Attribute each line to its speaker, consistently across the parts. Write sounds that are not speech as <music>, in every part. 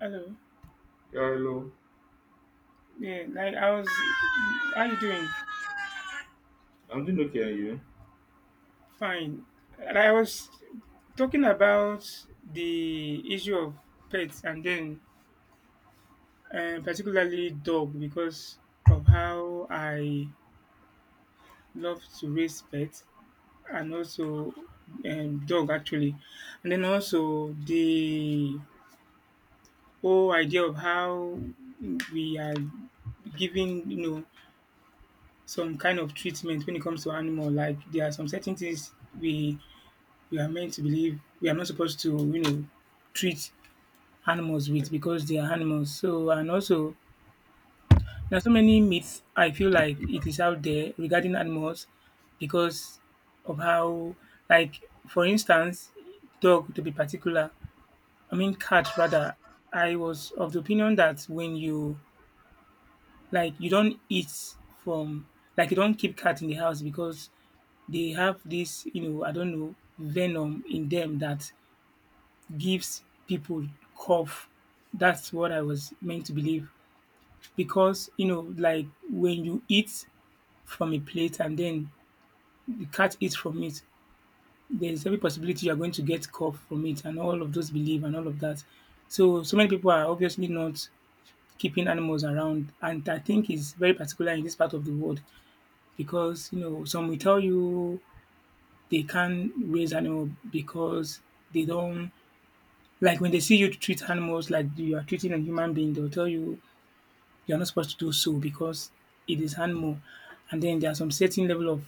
Speaker 1: Hello.
Speaker 2: Yeah, hello.
Speaker 1: Yeah, like I was. How you doing?
Speaker 2: I'm doing okay, and you?
Speaker 1: Fine. And I was talking about the issue of pets, and then particularly dog, because of how I love to raise pets, and also dog actually, and then also the whole idea of how we are giving some kind of treatment when it comes to animal. Like, there are some certain things we we are meant to believe we are not supposed to, treat animals with, because they are animals. So, and also, there are so many myths I feel like it is out there regarding animals, because of how, like, for instance, dog to be particular, I mean, cat rather. I was of the opinion that when you, like, you don't eat from, like, you don't keep cat in the house because they have this, I don't know, venom in them that gives people cough. That's what I was meant to believe because, like, when you eat from a plate and then the cat eats from it, there's every possibility you're going to get cough from it, and all of those belief and all of that. So, so many people are obviously not keeping animals around. And I think it's very particular in this part of the world because, some will tell you they can't raise animal because they don't. Like, when they see you treat animals like you are treating a human being, they'll tell you you're not supposed to do so, because it is animal. And then there are some certain level of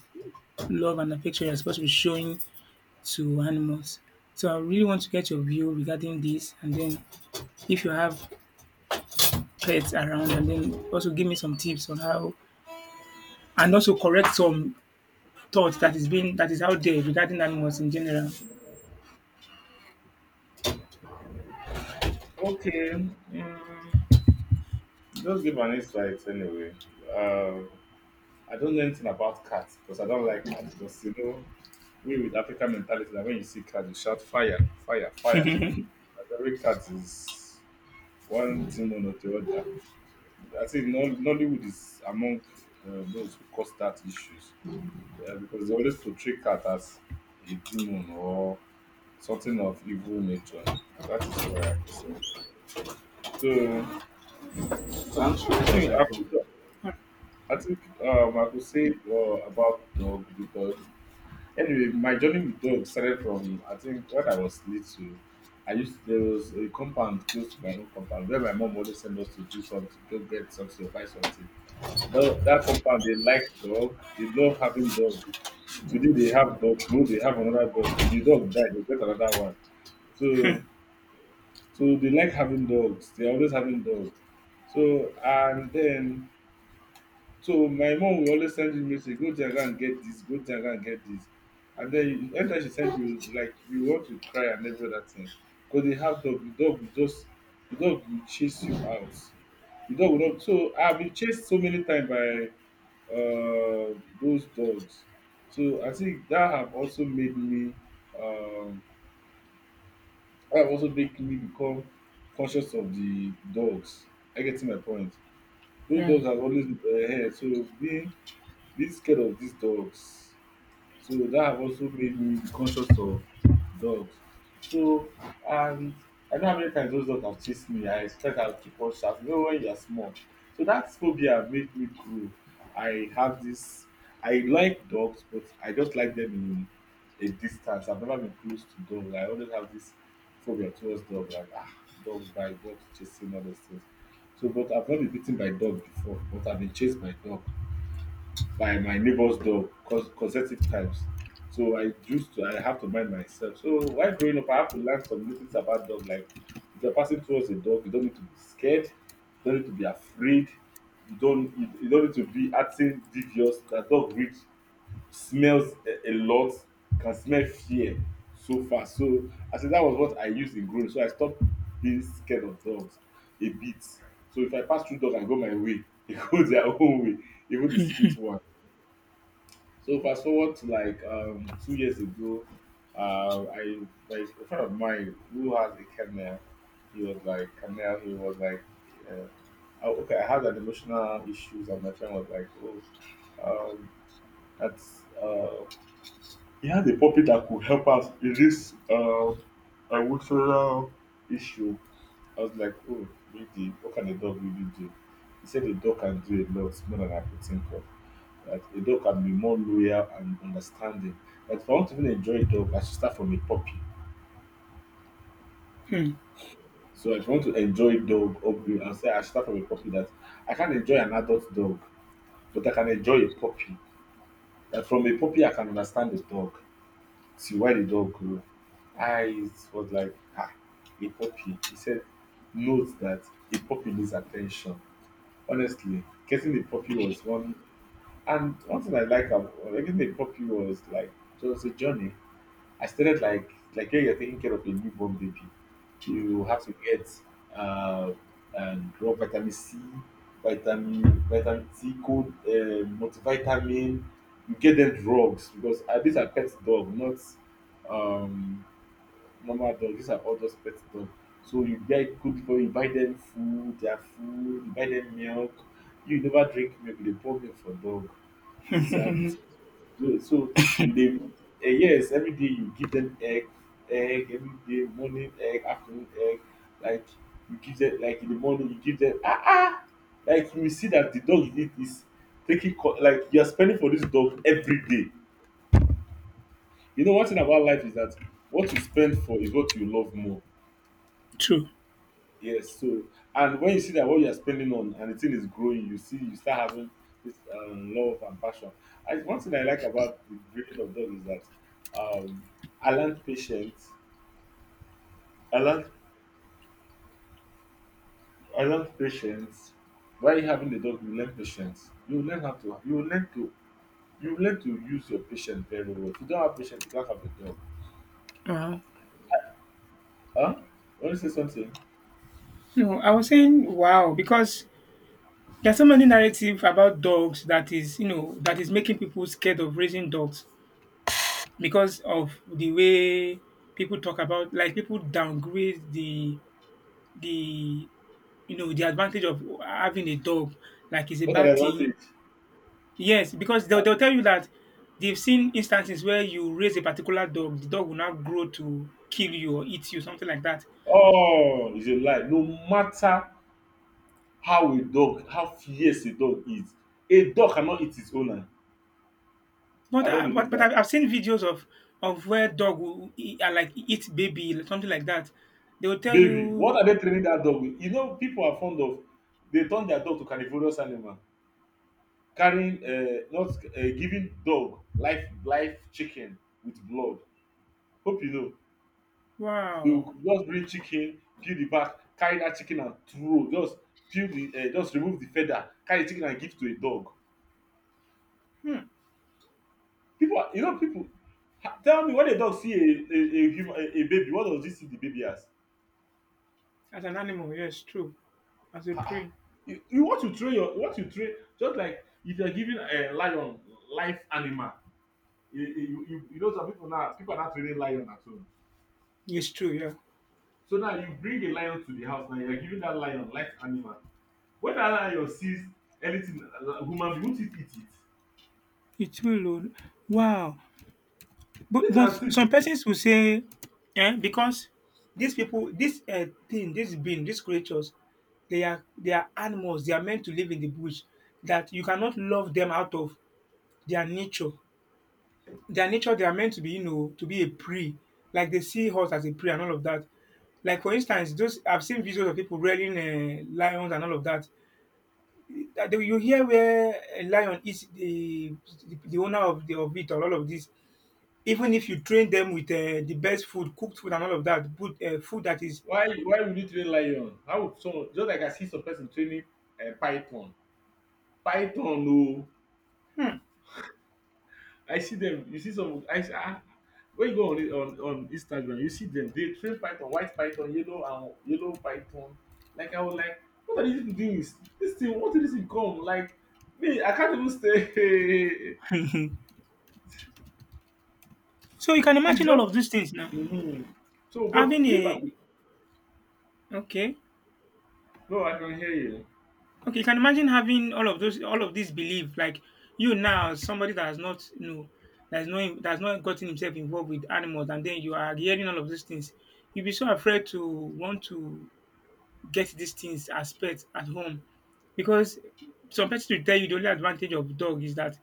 Speaker 1: love and affection you're supposed to be showing to animals. So I really want to get your view regarding this, and then if you have pets around, and then also give me some tips on how, and also correct some thoughts that is out there regarding animals in general.
Speaker 2: Okay. Mm, just give an insight anyway. Uh, I don't know anything about cats because I don't like cats because you know we with African mentality that when you see cats you shout fire, fire, fire. That every cat is one demon or the other. I think Nollywood is among those who cause that issues, yeah, because they always portray cat as a demon or something of evil nature. That is where I was. So
Speaker 1: Sounds
Speaker 2: I
Speaker 1: straight as
Speaker 2: think
Speaker 1: I go.
Speaker 2: I could say about dog because anyway, my journey with dog started from I think when I was little. I used there was a compound close to my own compound where my mom always sent us to do something, go get something, or buy something. That compound they like dog, they love having dog. Today they have dog, tomorrow they have another dog. If the dog die, they get another one. So so they like having dogs. They're always having dogs. So and then so my mom will always send you message, go Jaga and get this, go Jaga and get this. And then every time she send you, like you want to cry and every other thing. Because they have dog, the dog will chase you out. The dog will not so I've been chased so many times by those dogs. So I think that have also made me um that have also make me become conscious of the dogs. I get to my point. Those
Speaker 1: Yeah.
Speaker 2: dogs have always been ahead. So being scared of these dogs. So that have also made me be conscious of dogs. So and I know how many times those dogs have chased me. I expect I'll keep on shouting, even when you're small. So that phobia made me grow. I have this I like dogs, but I just like them in a distance. I've never been close to dogs. I always have this phobia towards dogs, like ah, dogs bite, dogs chasing all those things. So but I've not been bitten by dog before, but I've been chased by dog by my neighbor's dog cause consecutive times. So I have to mind myself. So while growing up, I have to learn some little things about dog. Like if you're passing towards a dog, you don't need to be scared, you don't need to be afraid, you don't need to be acting devious. That dog reads smells a lot, can smell fear so fast. So I said that was what I used in growing. So I stopped being scared of dogs a bit. So if I pass through dog, I go my way. <laughs> They go their own way, even the street one. So fast forward to like 2 years ago, I like a friend of mine who has a kennel. He was like, uh, oh, okay, I had an emotional issues, and my friend was like, oh, um, that's he has a puppy that could help us in this emotional issue. I was like, oh, really? What can a dog really do? He said the dog can do a lot more than I could think of. That a dog can be more loyal and understanding. Like if I want to even enjoy a dog, I should start from a puppy.
Speaker 1: Hmm.
Speaker 2: So if I want to enjoy dog upgrade and say I should start from a puppy that I can't enjoy an adult dog, but I can enjoy a puppy. That from a puppy I can understand the dog, see why the dog grew. I was like, ah, a puppy. He said, note that a puppy needs attention. Honestly, getting a puppy was one thing I like about getting a puppy was like it was a journey I started like when you're taking care of a newborn baby, you have to get uh, and raw vitamin C, vitamin C, cold multivitamin. You get them drugs because these are pet dog, not um, normal dog, these are all just pet dog, so you buy cook for you buy them food their food, you buy them milk. You never drink milk, you dey pour milk for dog. These are the things. No, so you dey eh, yes every day you give them egg, egg every day, morning egg, afternoon egg, like you give them, like in the morning you give them ah ah, like you will see that the dog you need is taking like you are spending for this dog every day. You know one thing about life is that what you spend for is what you love more.
Speaker 1: True.
Speaker 2: Yes, so and when you see that what you are spending on and the thing is growing, you see you start having this love and passion. One thing I like about the breeding of dog is that um, I learned patience. I learned I learned patience. While having the dog, you learn patience. You learn how to you learn to use your patience very well. If you don't have patience, you can't have a dog.
Speaker 1: Wow.
Speaker 2: Huh? Want to say something?
Speaker 1: No, I was saying wow because there are so many narrative about dogs that is, that is making people scared of raising dogs because of the way people talk about, like, people downgrade the the advantage of having a dog, like it's a
Speaker 2: What are the
Speaker 1: bad thing.
Speaker 2: advantage?
Speaker 1: Yes, because they'll,
Speaker 2: Ha-
Speaker 1: they'll tell you that they've seen instances where you raise a particular dog, the dog will now grow to kill you or eat you, something like that.
Speaker 2: Oh, it's a lie. No matter how a dog, how fierce a dog is. A dog cannot eat its owner. I
Speaker 1: But
Speaker 2: don't
Speaker 1: I,
Speaker 2: believe
Speaker 1: but, but
Speaker 2: that.
Speaker 1: I've seen videos of where dog will eat, like, eat baby, something like that. They will tell
Speaker 2: Baby, what
Speaker 1: you,
Speaker 2: are they training that dog with? You know, people are fond of, they turn their dog to carnivorous animal, carrying not giving dog life chicken with blood. Hope you know, they
Speaker 1: "Wow,
Speaker 2: will just bring chicken, peel the back, carry that chicken and throw. Just peel the just remove the feather, carry the chicken and give to a dog.
Speaker 1: hmm,
Speaker 2: People, are, you know, people Ha- tell me when a dog see a human a baby, what does he see the baby as?
Speaker 1: as an animal, yes, true. As a prey,
Speaker 2: You what you train you train just like if you're giving a lion life animal. You know some people now, people are not training lion at home.
Speaker 1: yes, true, yeah,
Speaker 2: So now you bring a lion to the house, now you're giving that lion life animal. When that lion sees anything, human being, won't it eat it?
Speaker 1: it's true, Lord. Wow." But
Speaker 2: These
Speaker 1: but
Speaker 2: are things
Speaker 1: some
Speaker 2: people.
Speaker 1: persons will say, eh, because these people, this thing, this being, these creatures, they are animals. They are meant to live in the bush. That you cannot love them out of their nature. Their nature, they are meant to be, to be a prey. Like, they see horse as a prey and all of that. Like, for instance, those I've seen videos of people rearing lions and all of that. You hear where a lion is the owner of the of it or all of this. Even if you train them with the best food, cooked food and all of that, but food that is.
Speaker 2: Why would you train lion? How would someone, just like I see some person training a python? Python no.
Speaker 1: Hmm.
Speaker 2: I see them. You see some. I see, ah, when you go on, on Instagram, you see them. They train python, white python, yellow python. Like I was like, what are these people doing? This thing, what did this thing come? Like me, I can't even stay.
Speaker 1: So you can
Speaker 2: <laughs> It's
Speaker 1: imagine all
Speaker 2: just.
Speaker 1: of these things now.
Speaker 2: Mhm. So, but
Speaker 1: Having
Speaker 2: if I
Speaker 1: a
Speaker 2: could,
Speaker 1: okay.
Speaker 2: no, I can hear you.
Speaker 1: Okay, you can imagine having all of those, all of these belief, like, you now, somebody that has not, that's not gotten himself involved with animals, and then you are hearing all of these things. You'll be so afraid to want to get these things as pets at home, because some pets will tell you the only advantage of dog is that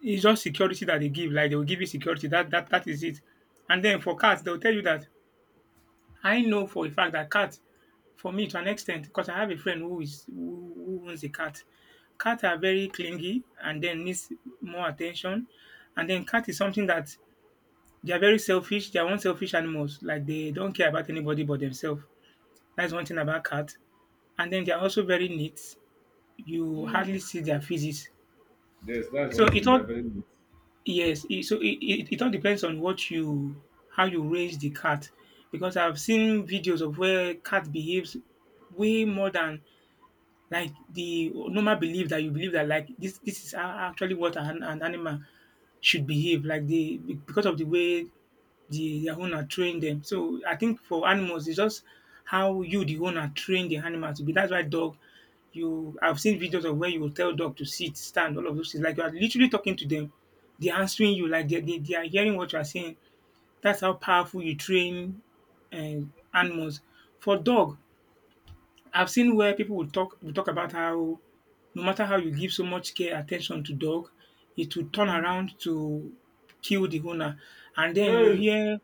Speaker 1: it's just security that they give. Like, they will give you security. That that is it. And then for cats, they'll tell you that I know for a fact that cat for me, to an extent, because I have a friend who owns a cat. Cats are very clingy and then needs more attention. And then cat is something that they are very selfish. They are unselfish animals. Like, they don't care about anybody but themselves. That's one thing about cat. And then they are also very neat. You
Speaker 2: Mm.
Speaker 1: hardly see their feces.
Speaker 2: Yes, that's one
Speaker 1: So it
Speaker 2: thing. They are
Speaker 1: all.
Speaker 2: very neat.
Speaker 1: Yes, so it all depends on what you how you raise the cat, because I've seen videos of where cat behaves way more than like the normal belief that you believe, that like this is a actually what an animal should behave like, the because of the way their owner trained them. So I think for animals, it's just how you the owner train the animal to be. That's why dog, you I've seen videos of where you will tell dog to sit, stand, all of those things. Like, you are literally talking to them. They're answering you like they they are hearing what you are saying. That's how powerful you train animals. For dog, I've seen where people will talk about how no matter how you give so much care attention to dog, it will turn
Speaker 2: Mm.
Speaker 1: around to kill the owner. And then you
Speaker 2: Hey,
Speaker 1: hear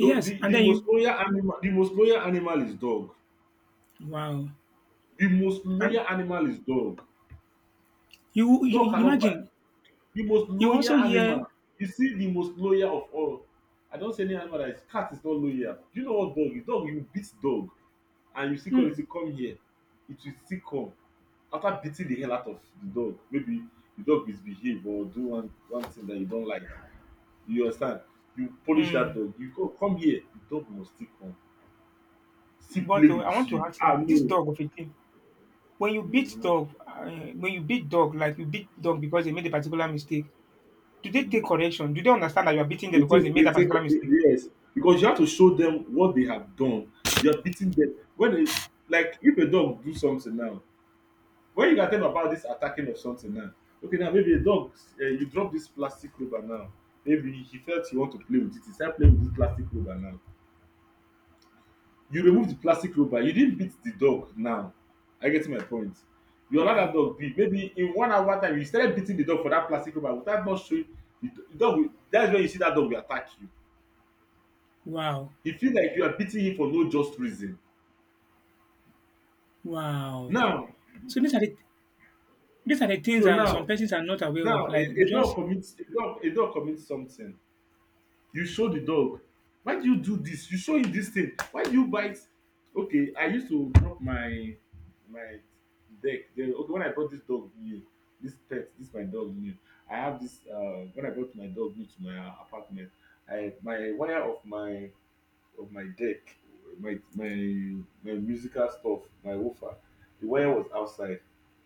Speaker 1: and
Speaker 2: the
Speaker 1: then you
Speaker 2: most loyal animal, the most loyal animal is dog.
Speaker 1: wow.
Speaker 2: The most
Speaker 1: And
Speaker 2: loyal animal is dog.
Speaker 1: you,
Speaker 2: Dog
Speaker 1: you
Speaker 2: cannot buy.
Speaker 1: imagine
Speaker 2: The most
Speaker 1: you
Speaker 2: loyal
Speaker 1: also hear
Speaker 2: animal, you see the most loyal of all. I don't see any animal that is cat is not loyal. Do you know what dog is? Dog, you beat dog and you still call it say
Speaker 1: hmm,
Speaker 2: come here. It will still come. After beating the hell out of the dog, maybe the dog misbehave or do one thing that you don't like. You understand? You polish that
Speaker 1: hmm,
Speaker 2: dog. You go come here. The dog must still come. Still
Speaker 1: but
Speaker 2: play
Speaker 1: I
Speaker 2: with
Speaker 1: want to
Speaker 2: you.
Speaker 1: ask
Speaker 2: Ah
Speaker 1: something. This
Speaker 2: no.
Speaker 1: dog of a thing, when you beat
Speaker 2: Hmm.
Speaker 1: dog, when you beat dog, like, you beat dog because they made a particular mistake, do they
Speaker 2: Hmm.
Speaker 1: take correction? Do they understand that you are beating them because they made
Speaker 2: They
Speaker 1: a
Speaker 2: take
Speaker 1: particular mistake?
Speaker 2: yes, because you have to show them what they have done. You're beating them. When they, like if a dog do something now, when you can tell them about this attacking of something now, okay now maybe a dog, you drop this plastic rubber now. Maybe he felt he want to play with it. He started playing with this plastic rubber now. You remove the plastic rubber. You didn't beat the dog now. I get my point. You allow
Speaker 1: Yeah.
Speaker 2: that dog be. Maybe in 1 hour time you started beating the dog for that plastic rubber without not showing the dog. Will- That's when you see that dog will attack you,
Speaker 1: Wow.
Speaker 2: e feel like you are beating him for no just reason
Speaker 1: Wow.
Speaker 2: now.
Speaker 1: So these are the, these are the things
Speaker 2: So
Speaker 1: that
Speaker 2: now
Speaker 1: some persons are not aware
Speaker 2: now
Speaker 1: of. Like, we just
Speaker 2: a dog commit something, you show the dog, why do you do this, you show him this thing, why do you bite? Okay, I used to drop my deck then, okay when I brought this dog new, this pet, this my dog new, I have this when I brought my dog new to my apartment, I my wire of my deck, my musical stuff, my woofer. The wire was outside.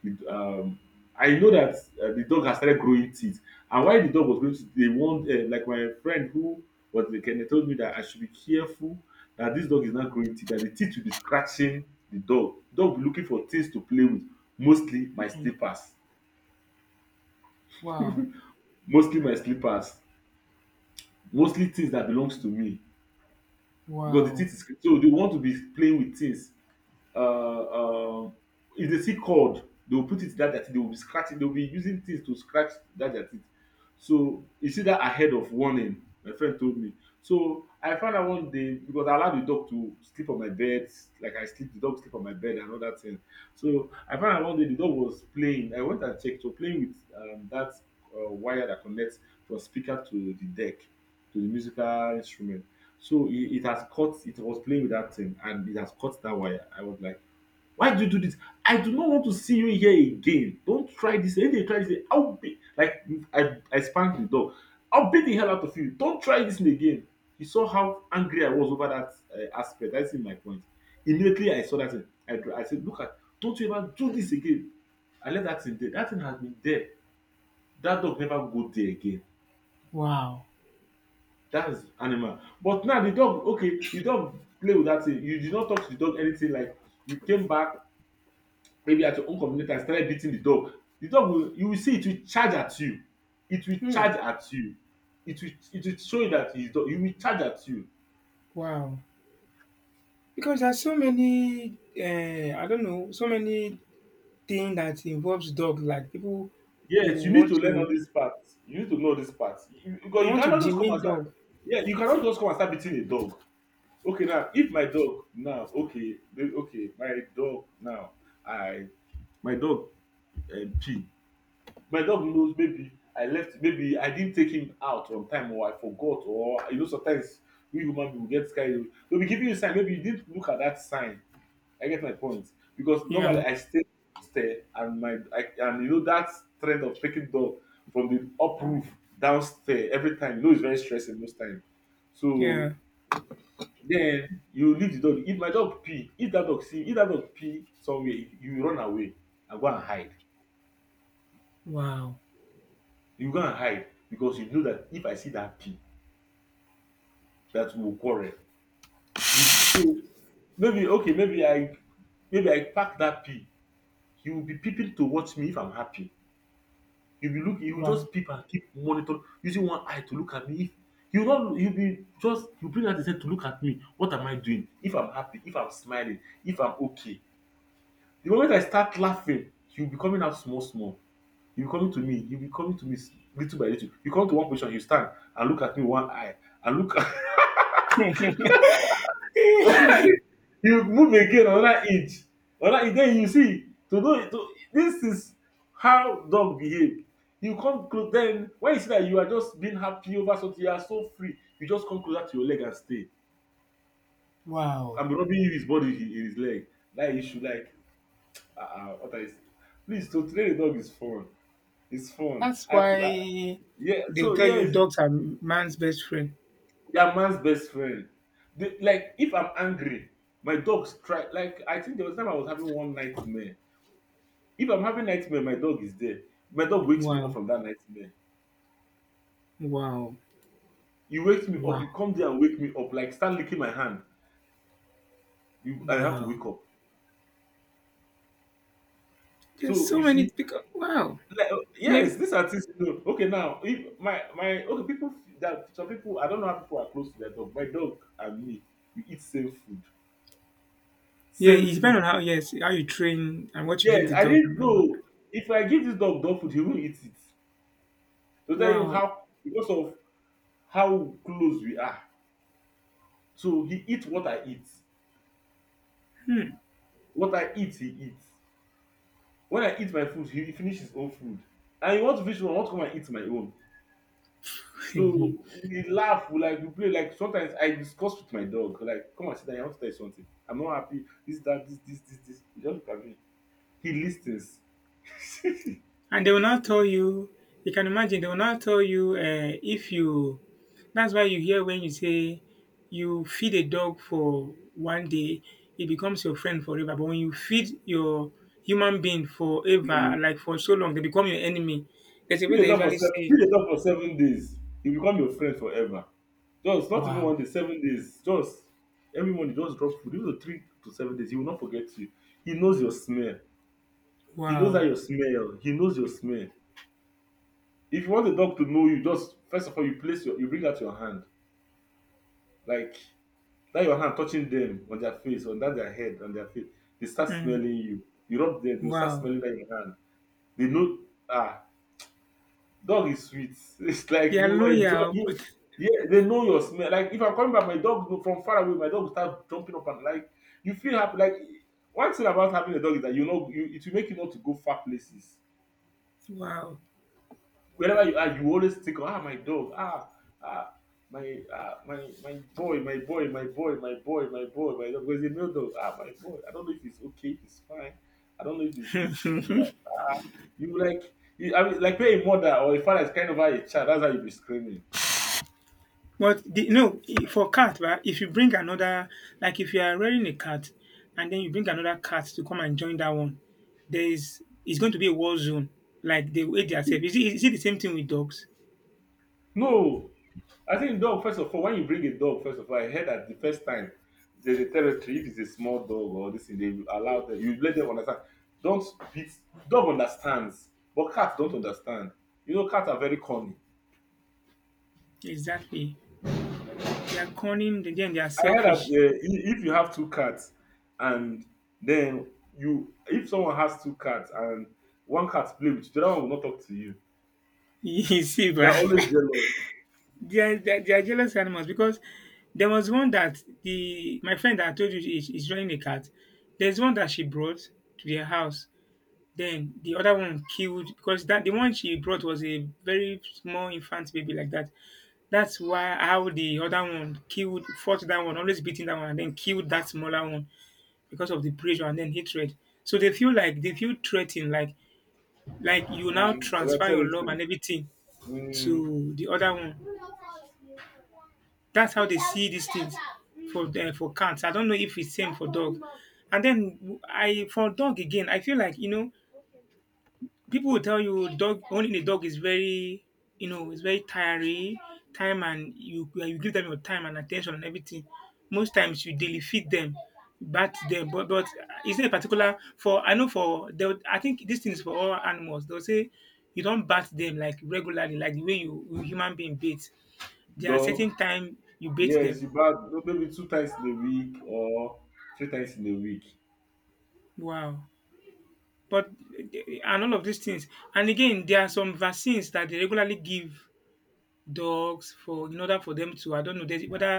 Speaker 2: It, um, I know that the dog has started growing teeth, and why the dog was growing teeth, they warned like my friend who was the Kenya told me that I should be careful that this dog is not growing teeth, that the teeth will be scratching the dog. Dog will be looking for things to play with, mostly my slippers,
Speaker 1: wow,
Speaker 2: mostly my slippers, mostly things that belongs to me because the
Speaker 1: wow,
Speaker 2: teeth is so they want to be playing with things uh, uh, if they see cord they will put it that their teeth they will be scratching they will be using things to scratch that their teeth. So you see that ahead of warning my friend told me, so I found out one day because I allow the dog to sleep on my bed, like I sleep the dog sleep on my bed and all that thing. So I found out one day the dog was playing, I went and checked so playing with that wire that connects from speaker to the deck, to the musical instrument. So it has caught, it was playing with that thing and it has caught that wire. I was like, why do you do this? I do not want to see you here again. Don't try this. If they try this, I'll be like, I spanked the dog. I'll beat the hell out of you. Don't try this again. He saw how angry I was over that aspect. That's in my point. Immediately I saw that thing. I said, look at, don't you ever do this again. I left that thing there. That thing has been there. That dog never go there again.
Speaker 1: wow,
Speaker 2: That's animal. But now the dog, okay, the dog play with that thing. You did not talk to the dog anything like you came back maybe at your own community and started beating the dog. The dog will, you will see it will charge at you. It will
Speaker 1: hmm,
Speaker 2: charge at you. It will show you that it's dog. It will charge at you.
Speaker 1: wow. Because there's so many I don't know, so many things that involves dog, like people who
Speaker 2: Yes, you need
Speaker 1: want
Speaker 2: to learn
Speaker 1: to
Speaker 2: all these parts. You need to know this part. You,
Speaker 1: they
Speaker 2: because you
Speaker 1: want to
Speaker 2: cannot just come
Speaker 1: demean
Speaker 2: and start.
Speaker 1: dog.
Speaker 2: Yeah, you cannot just come and start beating a dog. Okay, now if my dog now okay okay my dog now, I, my dog, pee, my dog knows maybe I left, maybe I didn't take him out on time or I forgot, or you know, sometimes we human beings get carried away. They'll be giving you a sign, maybe you didn't look at that sign. I get my point. Because normally
Speaker 1: Yeah,
Speaker 2: I stay stare and my I, and you know that trend of taking dog from the up roof downstairs every time, you know it's very stressing most time. So
Speaker 1: yeah.
Speaker 2: then you leave the dog. If my dog pee, if that dog see, if that dog pee somewhere, you run away and go and hide.
Speaker 1: Wow.
Speaker 2: You go and hide because you know that if I see that pee, that we will quarrel. So maybe okay, maybe I pack that pee. He will be peeping to watch me if I'm happy. He'll be looking. He will
Speaker 1: Wow.
Speaker 2: just peep and keep monitoring, using one eye to look at me. If you not, he'll be just you bring out his head to look at me. What am I doing? If I'm happy, if I'm smiling, if I'm okay. The moment I start laughing, he'll be coming out small, small. He'll be coming to me. He'll be coming to me s- Little by little. You come to one position, you stand and look at me with one eye and look <laughs>
Speaker 1: <laughs>
Speaker 2: you move again another inch, another inch then you see to know to, this is how dog behave. You come close then when you see that you are just being happy over something you are so free you just come closer to your leg and stay.
Speaker 1: wow.
Speaker 2: I'm rubbing you his body in his leg. Like you should like, ah what I say, please, to train a dog is fun. It's fun.
Speaker 1: That's
Speaker 2: I
Speaker 1: why
Speaker 2: yeah
Speaker 1: they'll
Speaker 2: so
Speaker 1: tell
Speaker 2: yeah,
Speaker 1: you
Speaker 2: you
Speaker 1: dogs are man's best friend.
Speaker 2: are man's best friend. The, like if I'm angry, my dogs try, like I think there was time I was having one nightmare. If I'm having nightmare, my dog is there. My dog wakes me up
Speaker 1: Wow.
Speaker 2: from that nightmare.
Speaker 1: Wow.
Speaker 2: He wakes me up.
Speaker 1: Wow.
Speaker 2: You come there and wake me up. Like start licking my hand. You, I have to
Speaker 1: Wow.
Speaker 2: wake up.
Speaker 1: There's
Speaker 2: So you
Speaker 1: so many
Speaker 2: see,
Speaker 1: because wow.
Speaker 2: like,
Speaker 1: Yeah,
Speaker 2: yes, these are things. You know. Okay, now if my my okay people that some people I don't know how people are close to their dog. My dog and me, we eat same food,
Speaker 1: yeah,
Speaker 2: same
Speaker 1: it depends on
Speaker 2: food.
Speaker 1: how, yes, how you train and what you give
Speaker 2: Yes,
Speaker 1: the
Speaker 2: I
Speaker 1: dog
Speaker 2: didn't
Speaker 1: and all that.
Speaker 2: know if I give this dog dog food, he will eat it. To tell you
Speaker 1: Wow.
Speaker 2: how because of how close we are, so he eats what I eat.
Speaker 1: Hmm.
Speaker 2: What I eat, he eats. When I eat my food, he finish his own food. And he want to finish one, I want to come and eat my own.
Speaker 1: <laughs>
Speaker 2: So we laugh, we like we play. Like sometimes I discuss with my dog, like, come and sit down, I want to tell you something. I'm not happy. This, that, this, this, this, this. He just look at me. He listens.
Speaker 1: and they will not tell you you can imagine they will not tell you if you that's why you hear when you say you feed a dog for one day, it becomes your friend forever. But when you feed your human being forever,
Speaker 2: Mm.
Speaker 1: like for so long, they become your enemy. There's a
Speaker 2: If
Speaker 1: way
Speaker 2: they
Speaker 1: they
Speaker 2: talk for
Speaker 1: usually
Speaker 2: seven,
Speaker 1: say,
Speaker 2: If they talk for 7 days, he become your friend forever. Just not even
Speaker 1: Wow,
Speaker 2: one day, 7 days. Just every morning, just drop food. Even 3 to 7 days, he will not forget you. He knows your smell. He knows how
Speaker 1: wow,
Speaker 2: you smell. He knows your smell. If you want the dog to know you, just first of all you place your you bring out your hand like that your hand touching them on their face, on that their head, on their face. They start smelling
Speaker 1: mm,
Speaker 2: you. You rub them, they will start
Speaker 1: wow.
Speaker 2: smelling that your hand. They know ah dog is sweet. <laughs> It's like
Speaker 1: They are
Speaker 2: you enjoy
Speaker 1: loyal.
Speaker 2: you. Yeah, they know your smell. Like if I'm coming back, my dog know- from far away, my dog will start jumping up and like you feel happy. Like one thing about having a dog is that you know you it will make you want to go far places
Speaker 1: Wow.
Speaker 2: wherever you are, you always think, ah, my dog, ah, ah, my, ah, my boy, my boy, my boy, my boy, my boy, my dog. Because a male dog, ah, my boy. I don't know if he's okay, if he's fine. I don't know if he's this, if he's that. You like, you, I mean, like when a mother or a father is kind of a child, that's how you be screaming.
Speaker 1: No, for cat, right? If you bring another, like, if you are rearing a cat, and then you bring another cat to come and join that one, there is it's going to be a war zone. Like, the way they are selfish. Is it the same thing with dogs?
Speaker 2: No, I think dog, first of all, when you bring a dog, first of all, I heard that the first time there's a territory, if it's a small dog or this thing, they will allow them, you let them understand. Don't beat, dog understands, but cats don't understand. You know, cats are very corny.
Speaker 1: Exactly. They are cunning. Then they are
Speaker 2: I heard that
Speaker 1: selfish. <laughs>
Speaker 2: if you have two cats and then you, if someone has two cats and one cat play with you, the other one will not talk to you.
Speaker 1: You see,
Speaker 2: They're
Speaker 1: bruh.
Speaker 2: always
Speaker 1: <laughs>
Speaker 2: jealous.
Speaker 1: They are jealous animals, because there was one that the my friend that I told you is joining a cat. There's one that she brought to their house. Then the other one killed, because that the one she brought was a very small infant baby, like that. That's why how the other one killed, fought that one, always beating that one, and then killed that smaller one because of the pressure and then hatred. So they feel like they feel threatened, like, you now
Speaker 2: Mm, but that's
Speaker 1: transfer your love
Speaker 2: territory.
Speaker 1: and everything
Speaker 2: Mm,
Speaker 1: to the other one. That's how they see these things for the, for cats. I don't know if it's same for dog. And then I for dog again, I feel like you know people will tell you dog owning a dog is very, you know, it's very tiring time and you yeah, you give them your time and attention and everything. Most times you daily feed them, bat them, but is there a particular for I know for they would, I think this thing is for all animals, they'll say you don't bat them like regularly, like the way you, you human being bathe. There are
Speaker 2: dog.
Speaker 1: certain time you bathe
Speaker 2: Yes,
Speaker 1: them.
Speaker 2: you bath maybe two times in a week or three times in a week.
Speaker 1: Wow. But and all of these things, and again, there are some vaccines that they regularly give dogs for, in order for them to I don't know there's whether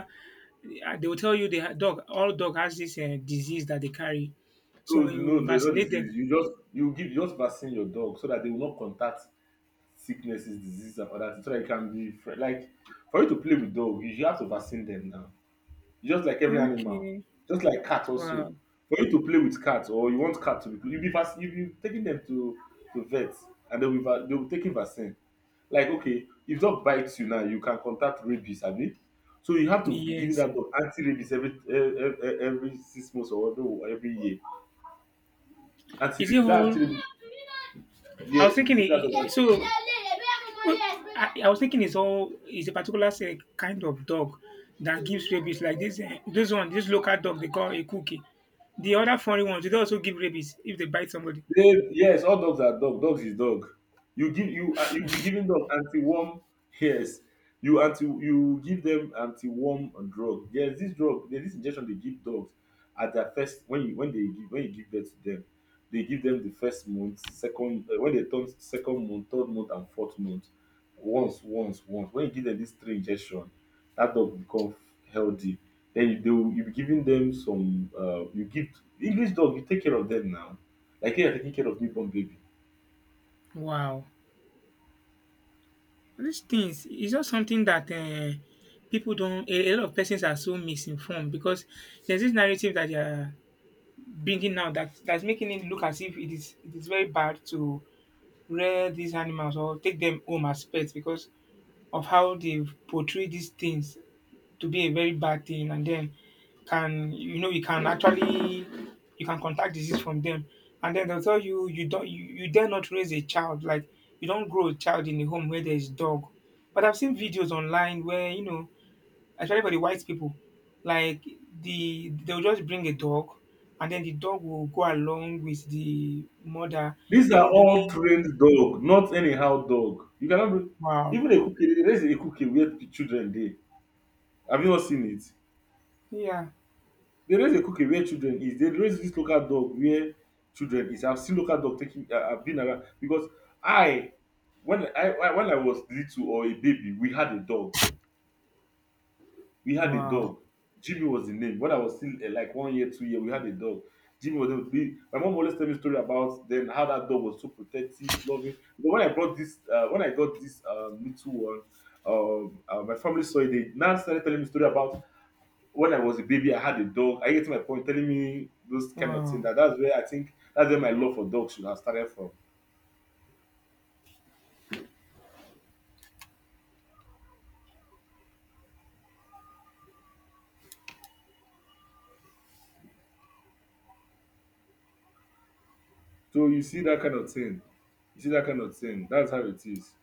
Speaker 1: they will tell you the dog all dog has this, disease that they carry. So
Speaker 2: No, no,
Speaker 1: when you
Speaker 2: no, no no
Speaker 1: vaccinate them
Speaker 2: disease. You just vaccine your dog so that they will not contact sicknesses, diseases, and other things. So that it can be fr- like for you to play with dog, you have to vaccine them now. Just like every animal,
Speaker 1: okay,
Speaker 2: just like cat also.
Speaker 1: wow,
Speaker 2: For you to play with cat or you want cat to be, you be taking them to vet and they will taking vaccine. Like okay, if dog bites you now, you can contact rabies, abi? So you have to be giving
Speaker 1: yes.
Speaker 2: that dog anti-rabies every e e every 6 months or every year.
Speaker 1: Is it
Speaker 2: Anti-rabies, that
Speaker 1: all?
Speaker 2: anti-rabies
Speaker 1: I was
Speaker 2: yes, you
Speaker 1: thinking
Speaker 2: be giving that dog.
Speaker 1: I so. Well, I was thinking it's all it's a particular se kind of dog that gives rabies, like this, this one, this local dog they call a cookie. The other foreign ones, they also give rabies if they bite somebody?
Speaker 2: They, yes, all dogs are dog. Dogs is dog. You give you you'll be giving dog anti-worm. Yes, you give them anti-worm drug. Yes, this drug, there's this injection they give dogs at their first when you when they give when you give birth to them, they give them the first month, second when they turn second month, third month, and fourth month. Once, once, once. When you give them these three injection, that dog become healthy. Then you be giving them some you give English dog. You take care of them now like you're taking care of newborn baby.
Speaker 1: Wow. These things is just something that people don't. A lot of persons are so misinformed, because there's this narrative that they are bringing now that that's making it look as if it is very bad to rear these animals or take them home as pets, because of how they've portrayed these things to be a very bad thing. And then can, you know, you can actually you can contact disease from them. And then they'll tell you you don't you, you dare not raise a child, like, you don't grow a child in a home where there is dog. But I've seen videos online where, you know, especially for the white people, like, they'll just bring a dog, and then the dog will go along with the mother
Speaker 2: These are
Speaker 1: even
Speaker 2: all
Speaker 1: during
Speaker 2: trained dog, not anyhow dog. You cannot be,
Speaker 1: wow,
Speaker 2: even a cookie. They raise a cookie where children dey. Have you not seen it?
Speaker 1: yeah,
Speaker 2: They raise a cookie where children is. They raise this local dog where children is. I've seen local dog taking. I've been around because I, when I was little or a baby, we had a dog. We had a
Speaker 1: wow,
Speaker 2: dog. Jimmy was the name. When I was still eh, like 1 year, 2 year, we had a dog. Jimmy was my mom always tell me story about then how that dog was so protective, loving. But when I brought this, when I got this little one, my family saw it. They now started telling me story about when I was a baby, I had a dog. I get to my point, telling me those kind of thing.
Speaker 1: wow.
Speaker 2: That that's where I think that's where my love for dogs should have started from. So you see that kind of thing. You see that kind of thing. That's how it is.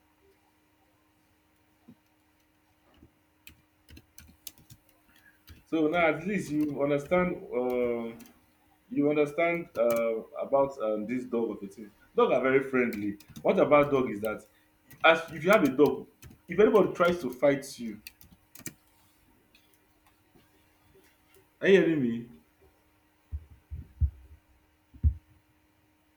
Speaker 2: So now at least you understand. You understand about this dog of a thing. Dog are very friendly. What about dog is that as if you have a dog, if anybody tries to fight you, are you hearing me?